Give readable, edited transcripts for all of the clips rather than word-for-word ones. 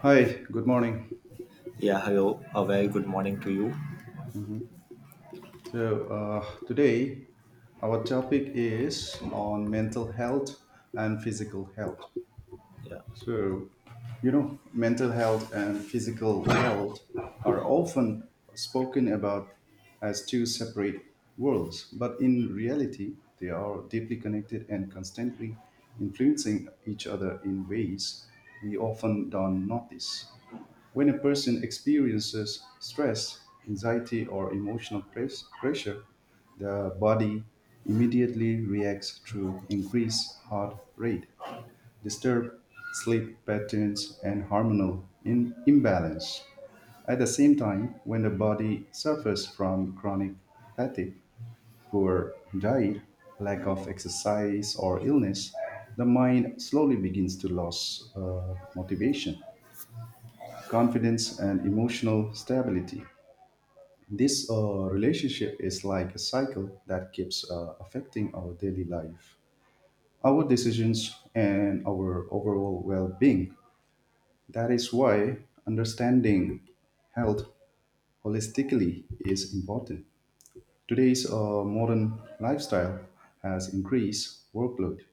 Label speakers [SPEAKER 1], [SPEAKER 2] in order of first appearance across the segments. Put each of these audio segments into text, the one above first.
[SPEAKER 1] Hi, good morning.
[SPEAKER 2] Yeah, hello. A very good morning to you.
[SPEAKER 1] So today our topic is on mental health and physical health.
[SPEAKER 2] Yeah.
[SPEAKER 1] So, you know, mental health and physical health are often spoken about as two separate worlds, but in reality, they are deeply connected and constantly influencing each other in ways we often don't notice. When a person experiences stress, anxiety, or pressure, the body immediately reacts through increased heart rate, disturbed sleep patterns, and hormonal imbalance. At the same time, when the body suffers from chronic fatigue, poor diet, lack of exercise, or illness, the mind slowly begins to lose motivation confidence, and emotional stability. This relationship is like a cycle that keeps affecting our daily life, our decisions, and our overall well being. That is why understanding health holistically is important. Today's modern lifestyle has increased workload,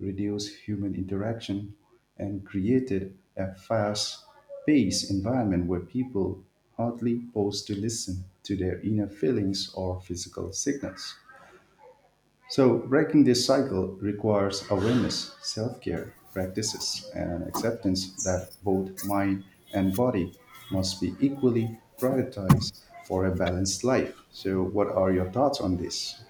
[SPEAKER 1] reduced human interaction, and created a fast paced environment where people hardly pause to listen to their inner feelings or physical signals. So, breaking this cycle requires awareness, self care practices, and acceptance that both mind and body must be equally prioritized for a balanced life. So, what are your thoughts on this?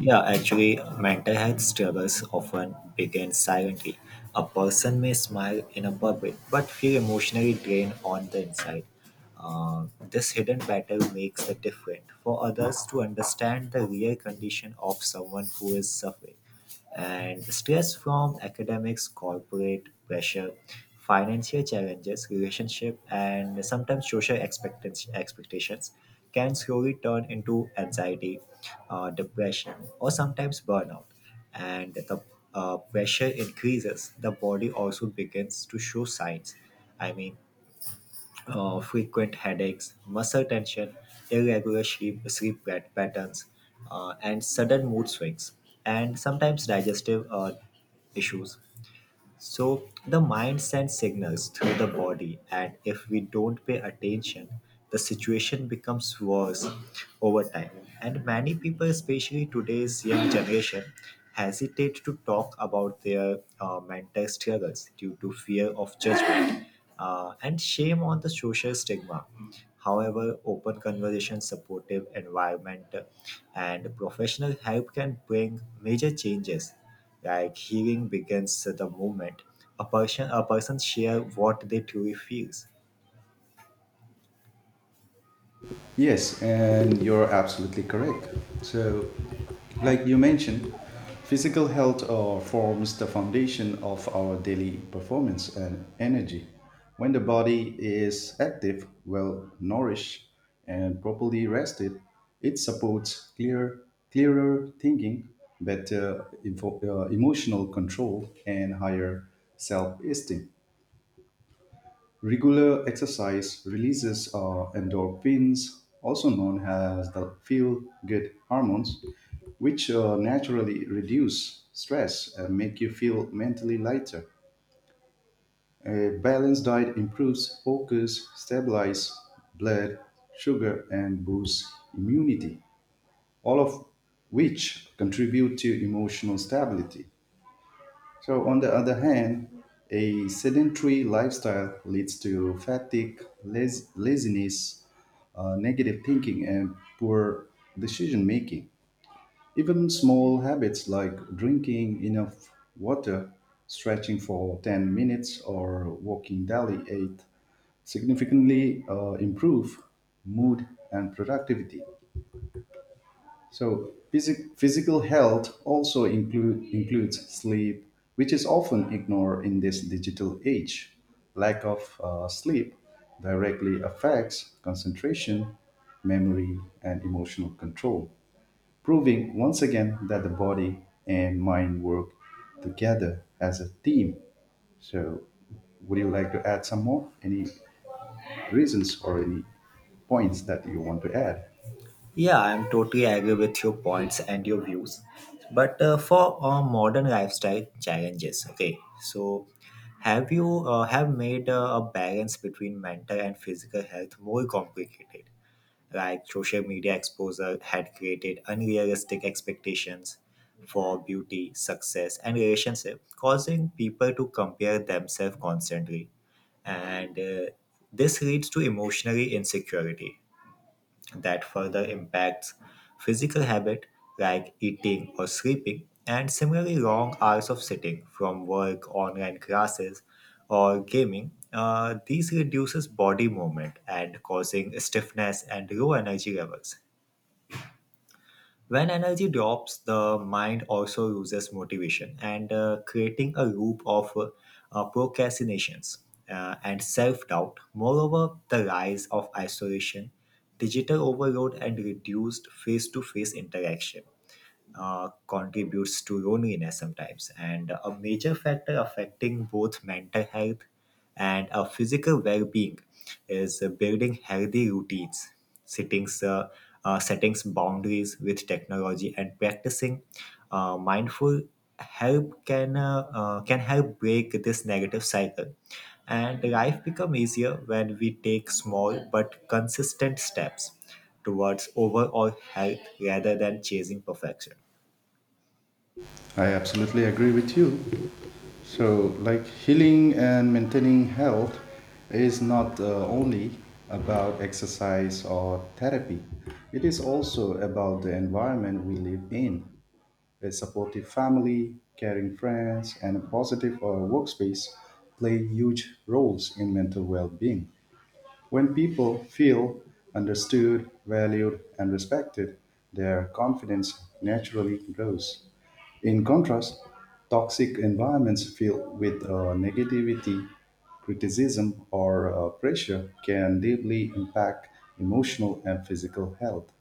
[SPEAKER 2] Yeah, actually, mental health struggles often begin silently. A person may smile in a public but feel emotionally drained on the inside. This hidden battle makes it different for others to understand the real condition of someone who is suffering. And stress from academics, corporate pressure, financial challenges, relationship, and sometimes social expectations can slowly turn into anxiety, depression, or sometimes burnout. And the pressure increases, the body also begins to show signs. I mean, frequent headaches, muscle tension, irregular sleep patterns, and sudden mood swings, and sometimes digestive issues. So the mind sends signals through the body, and if we don't pay attention, the situation becomes worse over time. And many people, especially today's young generation, hesitate to talk about their mental struggles due to fear of judgment and shame on the social stigma. However, open conversation, supportive environment, and professional help can bring major changes like healing begins the moment a person share what they truly feels.
[SPEAKER 1] Yes, and you're absolutely correct. So, like you mentioned, physical health forms the foundation of our daily performance and energy. When the body is active, well nourished, and properly rested, it supports clearer thinking, better emotional control, and higher self esteem. Regular exercise releases endorphins, also known as the feel good hormones, which naturally reduce stress and make you feel mentally lighter. A balanced diet improves focus, stabilizes blood sugar, and boosts immunity, all of which contribute to emotional stability. So, on the other hand, a sedentary lifestyle leads to fatigue, laziness, negative thinking, and poor decision making. Even small habits like drinking enough water, stretching for 10 minutes, or walking daily 8 significantly improve mood and productivity. So physical health also includes sleep, which is often ignored in this digital age. Lack of sleep directly affects concentration, memory, and emotional control, proving once again that the body and mind work together as a team. So, would you like to add some more? Any reasons or any points that you want to add?
[SPEAKER 2] Yeah, I'm totally agree with your points and your views. But for modern lifestyle challenges, okay. So, have you have made a balance between mental and physical health more complicated? Like social media exposure had created unrealistic expectations for beauty, success, and relationship, causing people to compare themselves constantly and this leads to emotionally insecurity that further impacts physical habit like eating or sleeping, and similarly long hours of sitting from work, online classes, or gaming, these reduces body movement and causing stiffness and low energy levels. When energy drops, the mind also loses motivation and creating a loop of procrastinations and self doubt. Moreover, the rise of isolation, digital overload, and reduced face to face interaction contributes to loneliness sometimes. And a major factor affecting both mental health and physical well being is building healthy routines, settings, uh, settings boundaries with technology, and practicing mindful help can help break this negative cycle, and life become easier when we take small but consistent steps towards overall health rather than chasing perfection.
[SPEAKER 1] I absolutely agree with you. So, like healing and maintaining health is not only about exercise or therapy, it is also about the environment we live in. A supportive family, caring friends, and a positive workspace play huge roles in mental well being. When people feel understood, valued, and respected, their confidence naturally grows. In contrast, toxic environments filled with negativity, criticism, or pressure can deeply impact emotional and physical health.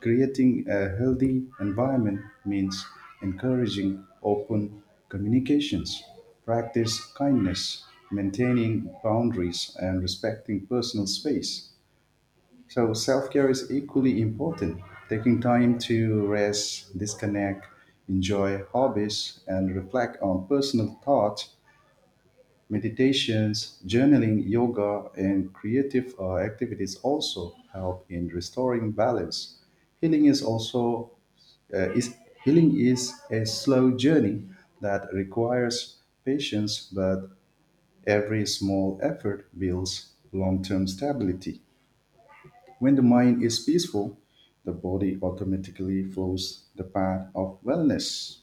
[SPEAKER 1] Creating a healthy environment means encouraging open communications, practice kindness, maintaining boundaries, and respecting personal space. So self care is equally important. Taking time to rest, disconnect, enjoy hobbies, and reflect on personal thoughts, meditations, journaling, yoga, and creative activities also help in restoring balance. Healing is also uh, is healing is a slow journey that requires patience, but every small effort builds long-term stability. When the mind is peaceful, the body automatically flows the path of wellness.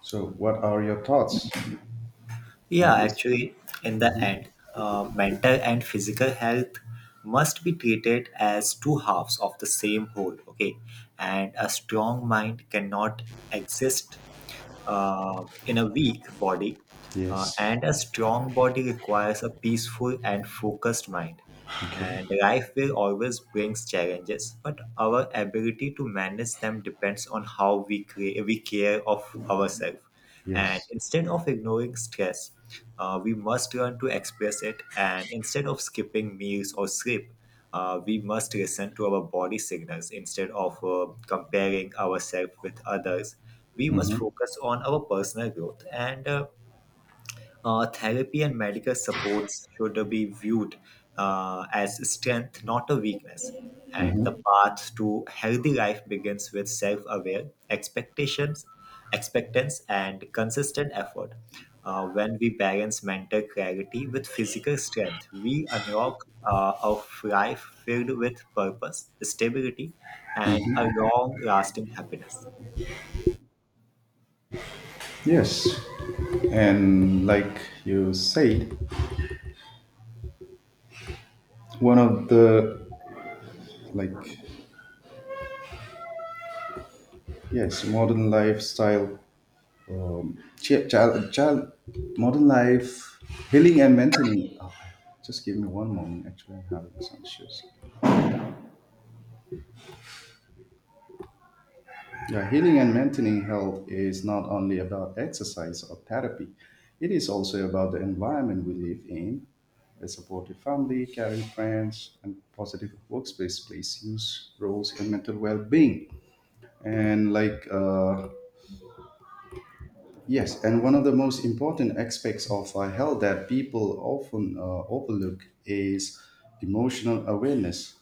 [SPEAKER 1] So, what are your thoughts on
[SPEAKER 2] Yeah,
[SPEAKER 1] this?
[SPEAKER 2] actually, in the end, mental and physical health must be treated as two halves of the same whole, okay? And a strong mind cannot exist in a weak body,
[SPEAKER 1] Yes.
[SPEAKER 2] and a strong body requires a peaceful and focused mind.
[SPEAKER 1] Okay.
[SPEAKER 2] And life will always brings challenges, but our ability to manage them depends on how we, we care of ourselves. And
[SPEAKER 1] Yes.
[SPEAKER 2] instead of ignoring stress, we must learn to express it. And instead of skipping meals or sleep, we must listen to our body signals instead of comparing ourselves with others. We must
[SPEAKER 1] Mm-hmm.
[SPEAKER 2] focus on our personal growth, and therapy and medical supports should be viewed as strength, not a weakness. And
[SPEAKER 1] Mm-hmm.
[SPEAKER 2] the path to healthy life begins with self-aware expectations, expectance, and consistent effort. When we balance mental clarity with physical strength, we unlock a life filled with purpose, stability, and a long-lasting happiness.
[SPEAKER 1] Yes. And like you said, one of the like yes, modern lifestyle ch- child, child modern life healing and maintaining. Oh, just give me one moment. Actually, I'm having some issues. Yeah, healing and maintaining health is not only about exercise or therapy, it is also about the environment we live in. A supportive family, caring friends, and positive workspace plays huge roles in mental well being. And like Yes, and one of the most important aspects of health that people often overlook is emotional awareness.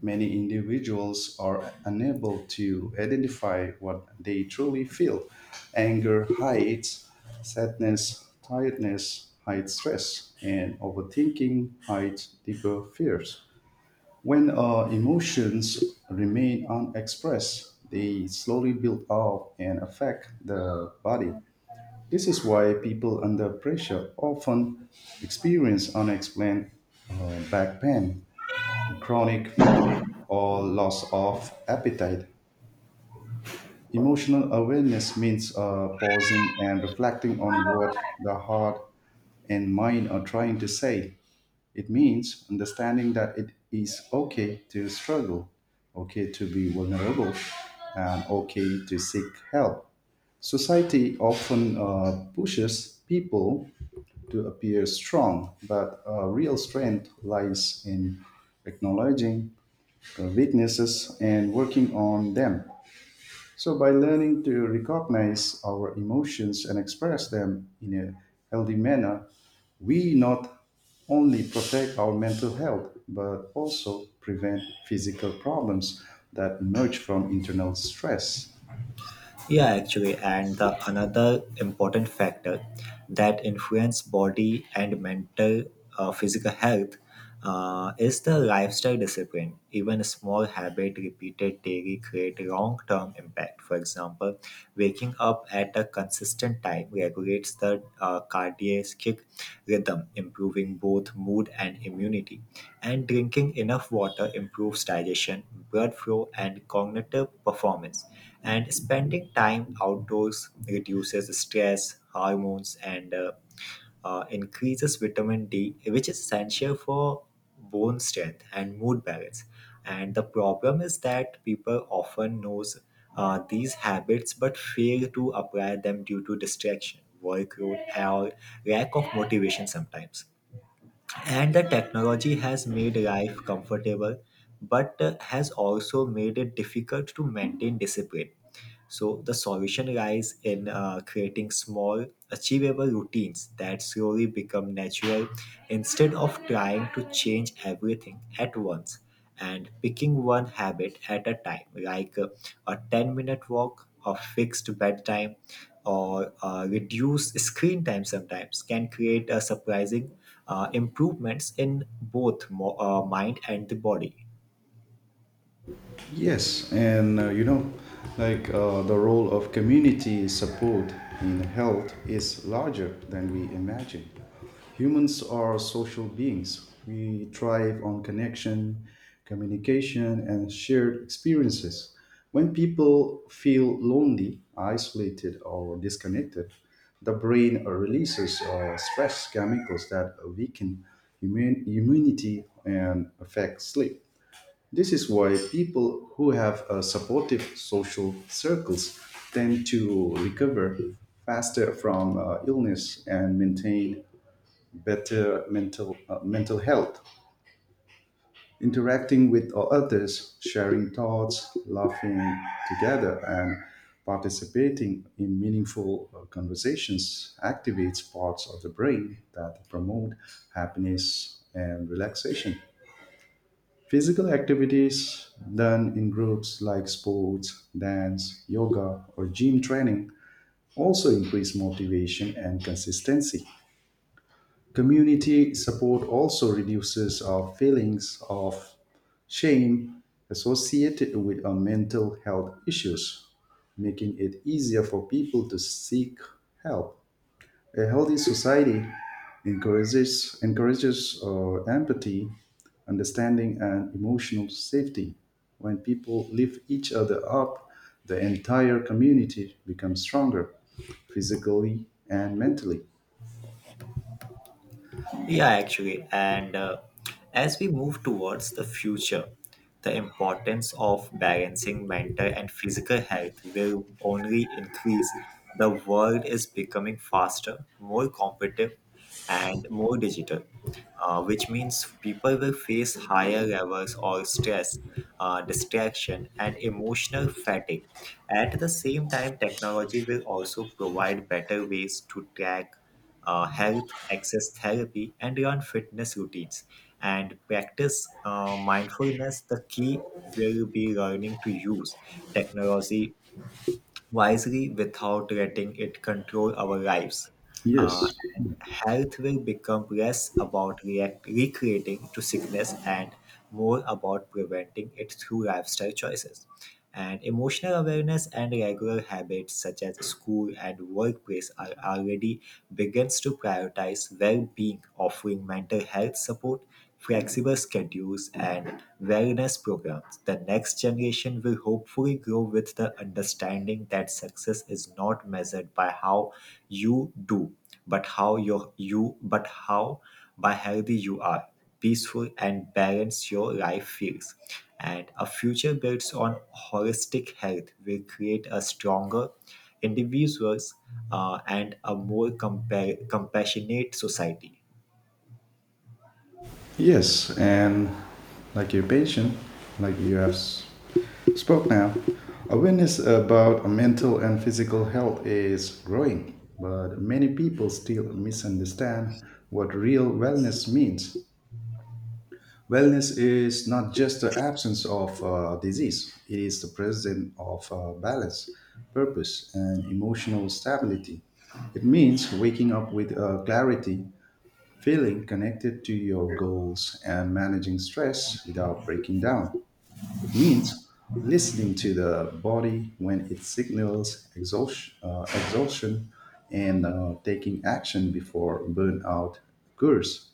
[SPEAKER 1] Many individuals are unable to identify what they truly feel. Anger hides sadness, tiredness hides stress, and overthinking hides deeper fears. When emotions remain unexpressed, they slowly build up and affect the body. This is why people under pressure often experience unexplained back pain, chronic fatigue, or loss of appetite. Emotional awareness means pausing and reflecting on what the heart and mind are trying to say. It means understanding that it is okay to struggle, okay to be vulnerable, and okay to seek help. Society often pushes people to appear strong, but real strength lies in acknowledging the weaknesses and working on them. So, by learning to recognize our emotions and express them in a healthy manner, we not only protect our mental health but also prevent physical problems that emerge from internal stress.
[SPEAKER 2] Yeah, actually, and the another important factor that influence body and mental physical health is the lifestyle discipline. Even a small habit repeated daily create long-term impact. For example, waking up at a consistent time regulates the cardiac rhythm, improving both mood and immunity. And drinking enough water improves digestion, blood flow, and cognitive performance. And spending time outdoors reduces stress, hormones, and increases vitamin D, which is essential for bone strength and mood balance. And the problem is that people often knows these habits but fail to apply them due to distraction, workload, or lack of motivation sometimes. And the technology has made life comfortable, but has also made it difficult to maintain discipline. So the solution lies in creating small, achievable routines that slowly become natural instead of trying to change everything at once, and picking one habit at a time, like a 10-minute walk, a fixed bedtime, or reduce screen time sometimes, can create a surprising improvements in both mind and the body.
[SPEAKER 1] Yes, and the role of community support in health is larger than we imagine. Humans are social beings. We thrive on connection, communication, and shared experiences. When people feel lonely, isolated, or disconnected, the brain releases stress chemicals that weaken immunity and affect sleep. This is why people who have supportive social circles tend to recover faster from illness and maintain better mental health. Interacting with others, sharing thoughts, laughing together, and participating in meaningful conversations activates parts of the brain that promote happiness and relaxation. Physical activities done in groups like sports, dance, yoga, or gym training also increase motivation and consistency. Community support also reduces our feelings of shame associated with our mental health issues, making it easier for people to seek help. A healthy society encourages empathy, understanding, and emotional safety. When people lift each other up, the entire community becomes stronger, physically and mentally.
[SPEAKER 2] Yeah, actually. And as we move towards the future, the importance of balancing mental and physical health will only increase. The world is becoming faster, more competitive, and more digital, which means people will face higher levels of stress, distraction, and emotional fatigue. At the same time, technology will also provide better ways to track health, access therapy, and run fitness routines and practice mindfulness. The key will be learning to use technology wisely without letting it control our lives. Uh,
[SPEAKER 1] Yes,
[SPEAKER 2] and health will become less about recreating to sickness and more about preventing it through lifestyle choices. And emotional awareness and regular habits such as school and workplace are already begins to prioritize well-being, offering mental health support, flexible schedules, and wellness programs. The next generation will hopefully grow with the understanding that success is not measured by how you do, but how by healthy you are, peaceful and balanced your life feels. And a future built on holistic health will create a stronger individuals and a more compassionate society.
[SPEAKER 1] yes, and like your patient, like you have Spoke Now. Awareness about mental and physical health is growing, but many people still misunderstand what real wellness means. Wellness is not just the absence of disease, it is the presence of balance, purpose, and emotional stability. It means waking up with clarity, feeling connected to your goals, and managing stress without breaking down. It means listening to the body when it signals exhaustion and taking action before burnout occurs.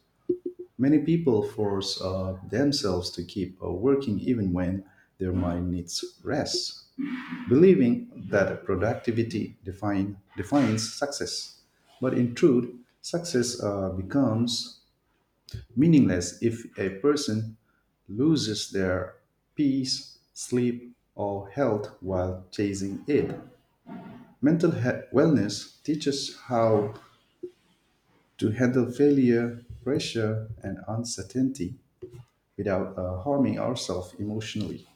[SPEAKER 1] Many people force themselves to keep working even when their mind needs rest, believing that defines success. But in truth, success becomes meaningless if a person loses their peace, sleep, or health while chasing it. Wellness teaches how to handle failure, pressure, and uncertainty without harming ourselves emotionally.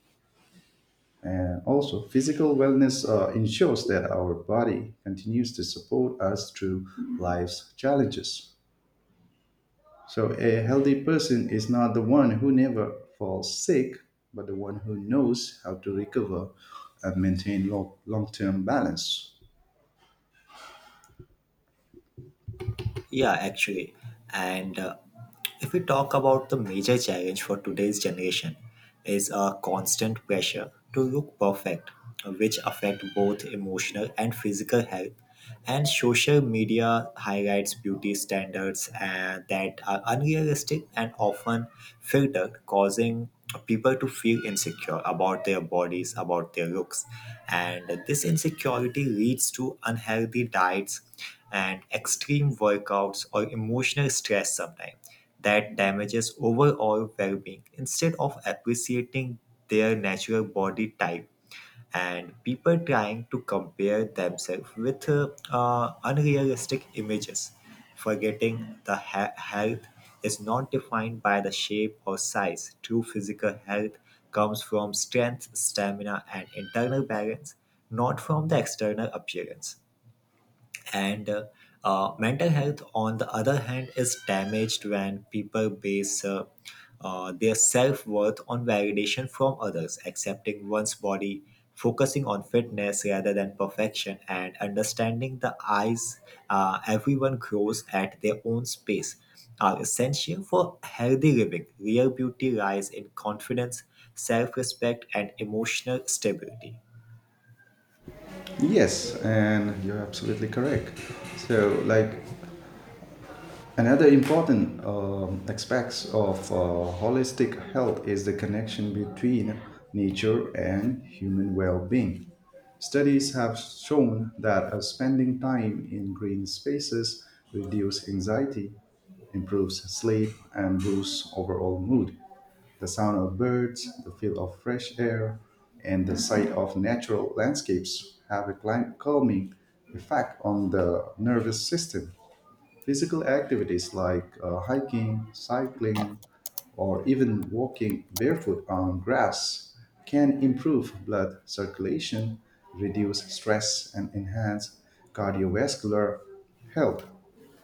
[SPEAKER 1] And also, physical wellness ensures that our body continues to support us through life's challenges. So a healthy person is not the one who never falls sick, but the one who knows how to recover and maintain long-term balance.
[SPEAKER 2] Yeah, actually. And if we talk about the major challenge for today's generation is a constant pressure to look perfect, which affect both emotional and physical health. And social media highlights beauty standards that are unrealistic and often filtered, causing people to feel insecure about their bodies, about their looks. And this insecurity leads to unhealthy diets and extreme workouts or emotional stress sometimes that damages overall well-being instead of appreciating their natural body type, and people trying to compare themselves with unrealistic images, forgetting the health is not defined by the shape or size. True physical health comes from strength, stamina, and internal balance, not from the external appearance. And mental health, on the other hand, is damaged when people base their self-worth on validation from others. Accepting one's body, focusing on fitness rather than perfection, and understanding the eyes, everyone grows at their own space, are essential for healthy living. Real beauty lies in confidence, self-respect, and emotional stability.
[SPEAKER 1] Yes, and you're absolutely correct. So like another important aspects of holistic health is the connection between nature and human well-being. Studies have shown that spending time in green spaces reduces anxiety, improves sleep, and boosts overall mood. The sound of birds, the feel of fresh air, and the sight of natural landscapes have a calming effect on the nervous system. Physical activities like hiking, cycling, or even walking barefoot on grass can improve blood circulation, reduce stress, and enhance cardiovascular health.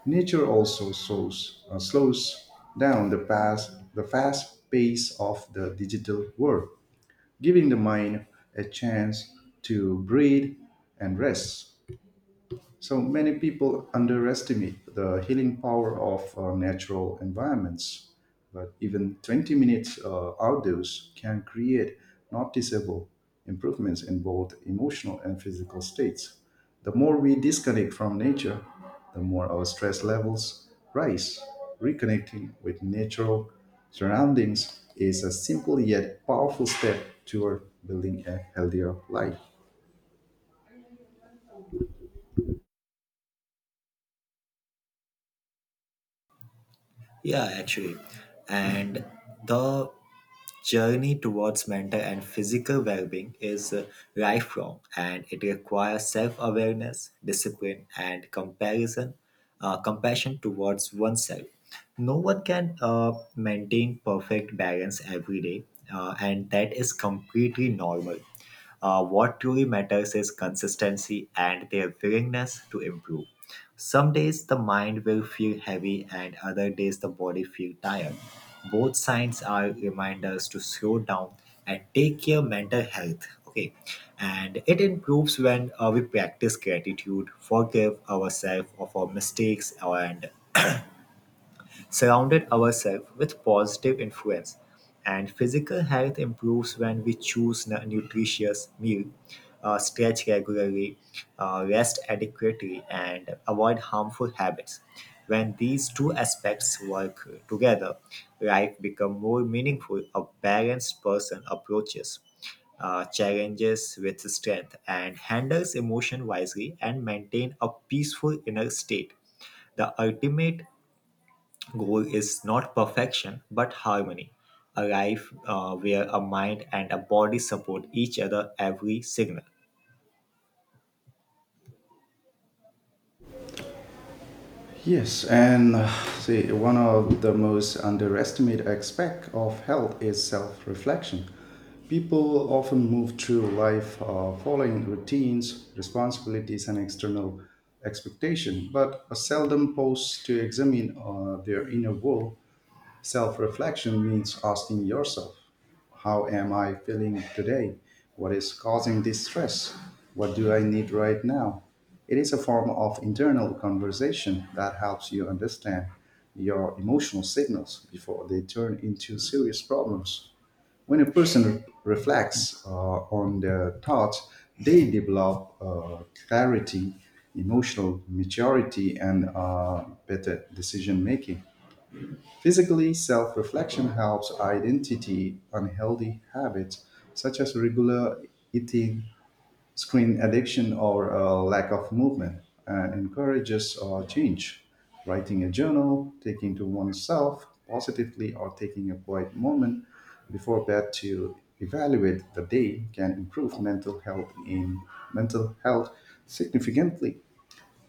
[SPEAKER 1] Nature also slows down the fast pace of the digital world, giving the mind a chance to breathe and rest. So many people underestimate the healing power of natural environments, but even 20 minutes outdoors can create noticeable improvements in both emotional and physical states. The more we disconnect from nature, the more our stress levels rise. Reconnecting with natural surroundings is a simple yet powerful step toward building a healthier life.
[SPEAKER 2] Yeah, actually, and the journey towards mental and physical well-being is lifelong, and it requires self-awareness, discipline, and comparison, compassion towards oneself. No one can maintain perfect balance every day, and that is completely normal. What truly matters is consistency and their willingness to improve. Some days the mind will feel heavy, and other days the body feel tired. Both signs are reminders to slow down and take care mental health. Okay, and it improves when we practice gratitude, forgive ourselves of our mistakes, and surrounded ourselves with positive influence. And physical health improves when we choose nutritious meal, stretch regularly, rest adequately, and avoid harmful habits. When these two aspects work together, life becomes more meaningful. A balanced person approaches challenges with strength, and handles emotion wisely, and maintain a peaceful inner state. The ultimate goal is not perfection but harmony, a life where a mind and a body support each other every signal.
[SPEAKER 1] Yes, and one of the most underestimated aspects of health is self reflection. People often move through life following routines, responsibilities, and external expectation, but seldom pause to examine their inner world. Self reflection means asking yourself, how am I feeling today? What is causing this stress? What do I need right now? It is a form of internal conversation that helps you understand your emotional signals before they turn into serious problems. When a person reflects on their thoughts, they develop clarity, emotional maturity, and better decision making. Physically, self reflection helps identity unhealthy habits such as regular eating, screen addiction, or a lack of movement, and encourages change. Writing a journal, taking to oneself positively, or taking a quiet moment before bed to evaluate the day can improve mental health significantly.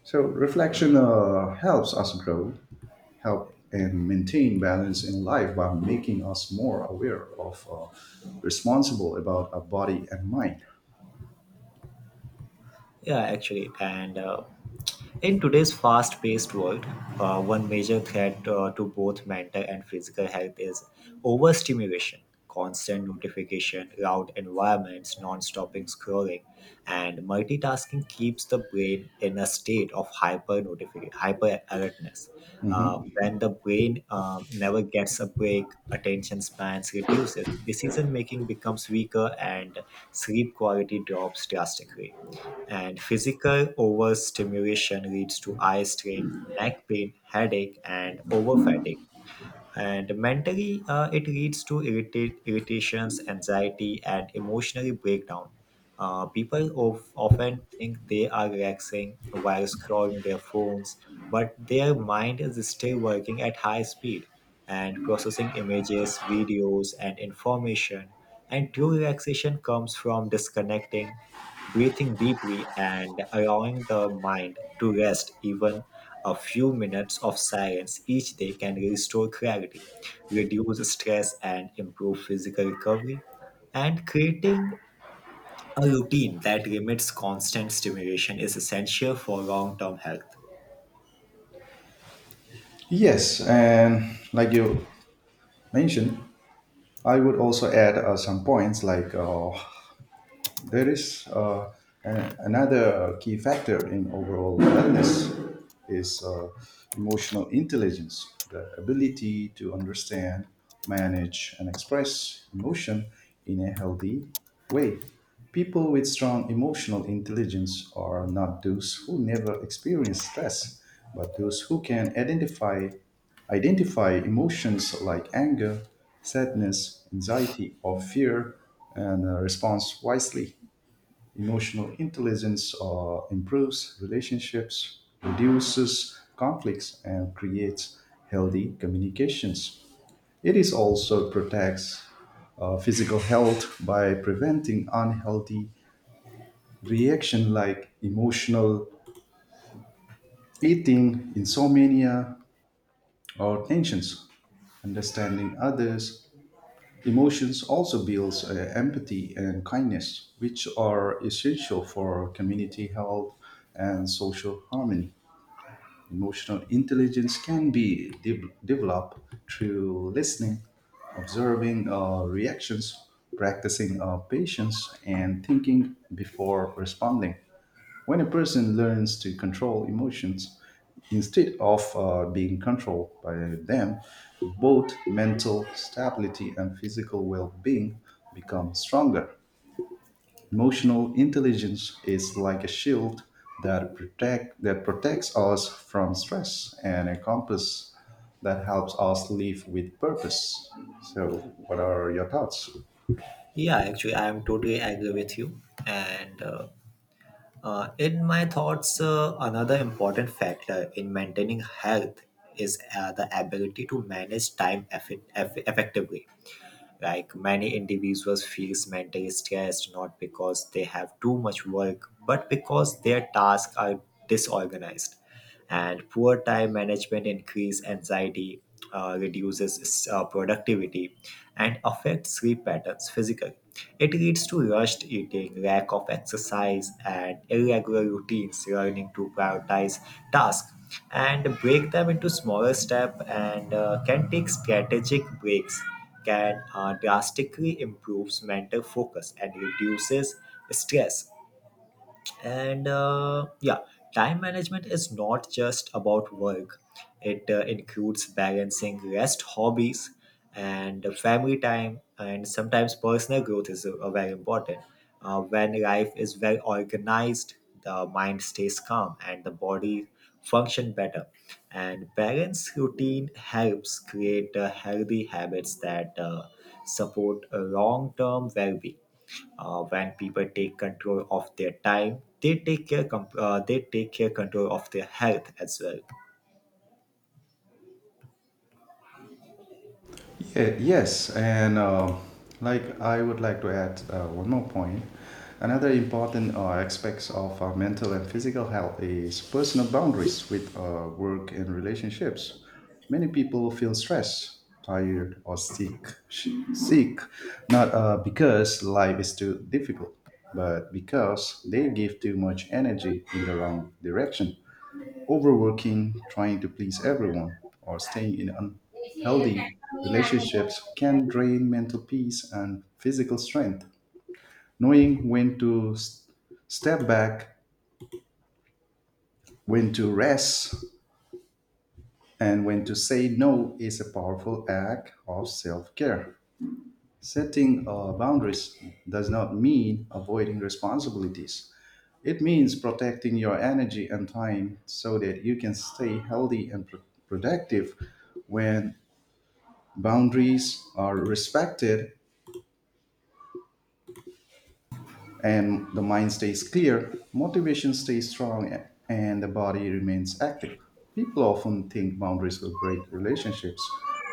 [SPEAKER 1] So reflection helps us grow help and maintain balance in life by making us more aware of responsible about our body and mind.
[SPEAKER 2] Yeah, actually, and in today's fast paced world, one major threat to both mental and physical health is overstimulation. Constant notification, loud environments, non stopping scrolling, and multitasking keeps the brain in a state of hyper alertness. Uh,
[SPEAKER 1] Mhm.
[SPEAKER 2] when the brain never gets a break, attention spans reduces, decision making becomes weaker, and sleep quality drops drastically. And physical overstimulation leads to eye strain, neck pain, headache, and over fatigue. And mentally, it leads to irritations, anxiety, and emotionally breakdown. People often think they are relaxing while scrolling their phones, but their mind is still working at high speed and processing images, videos, and information. And true relaxation comes from disconnecting, breathing deeply, and allowing the mind to rest. Even a few minutes of silence each day can restore clarity, reduce stress, and improve physical recovery. And creating a routine that limits constant stimulation is essential for long term health.
[SPEAKER 1] Yes, and like you mentioned, I would also add some points like There is a- another key factor in overall wellness is emotional intelligence, the ability to understand, manage, and express emotion in a healthy way. People with strong emotional intelligence are not those who never experience stress, but those who can identify emotions like anger, sadness, anxiety, or fear and response wisely. Emotional intelligence improves relationships, reduces conflicts, and creates healthy communications. It is also protects physical health by preventing unhealthy reaction like emotional eating, insomnia, or tensions. Understanding others' emotions also builds empathy and kindness, which are essential for community health and social harmony. Emotional intelligence can be developed through listening, observing reactions, practicing patience, and thinking before responding. When a person learns to control emotions instead of being controlled by them, both mental stability and physical well being become stronger. Emotional intelligence is like a shield that protects us from stress and a compass that helps us live with purpose. So, what are your thoughts?
[SPEAKER 2] Yeah, actually, I am totally agree with you. And in my thoughts, another important factor in maintaining health is the ability to manage time effectively. Like many individuals feels mentally stressed not because they have too much work, but because their tasks are disorganized. And poor time management increase anxiety, reduces productivity, and affects sleep patterns physically. It leads to rushed eating, lack of exercise, and irregular routines. Learning to prioritize tasks and break them into smaller steps, and can take strategic breaks, can drastically improves mental focus and reduces stress. And yeah, time management is not just about work. It includes balancing rest, hobbies, and family time, and sometimes personal growth is very important. When life is well organized, the mind stays calm and the body function better, and balance routine helps create healthy habits that support long-term well-being. When people take control of their time, they they take care control of their health as well.
[SPEAKER 1] Yeah, yes, and like I would like to add one more point. Another important aspects of our mental and physical health is personal boundaries with work and relationships. Many people feel stressed, tired, or sick, not because life is too difficult, but because they give too much energy in the wrong direction. Overworking, trying to please everyone, or staying in unhealthy relationships can drain mental peace and physical strength. Knowing when to step back, when to rest, and when to say no is a powerful act of self care. Setting boundaries does not mean avoiding responsibilities. It means protecting your energy and time so that you can stay healthy and productive when boundaries are respected and the mind stays clear, motivation stays strong, and the body remains active. People often think boundaries will break relationships,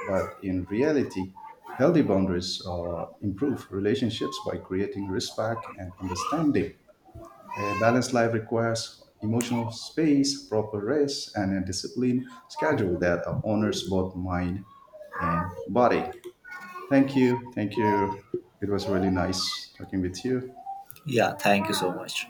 [SPEAKER 1] but in reality, healthy boundaries improve relationships by creating respect and understanding. A balanced life requires emotional space, proper rest, and a disciplined schedule that honors both mind and body. Thank you. Thank you. It was really nice talking with you.
[SPEAKER 2] Yeah, thank you so much.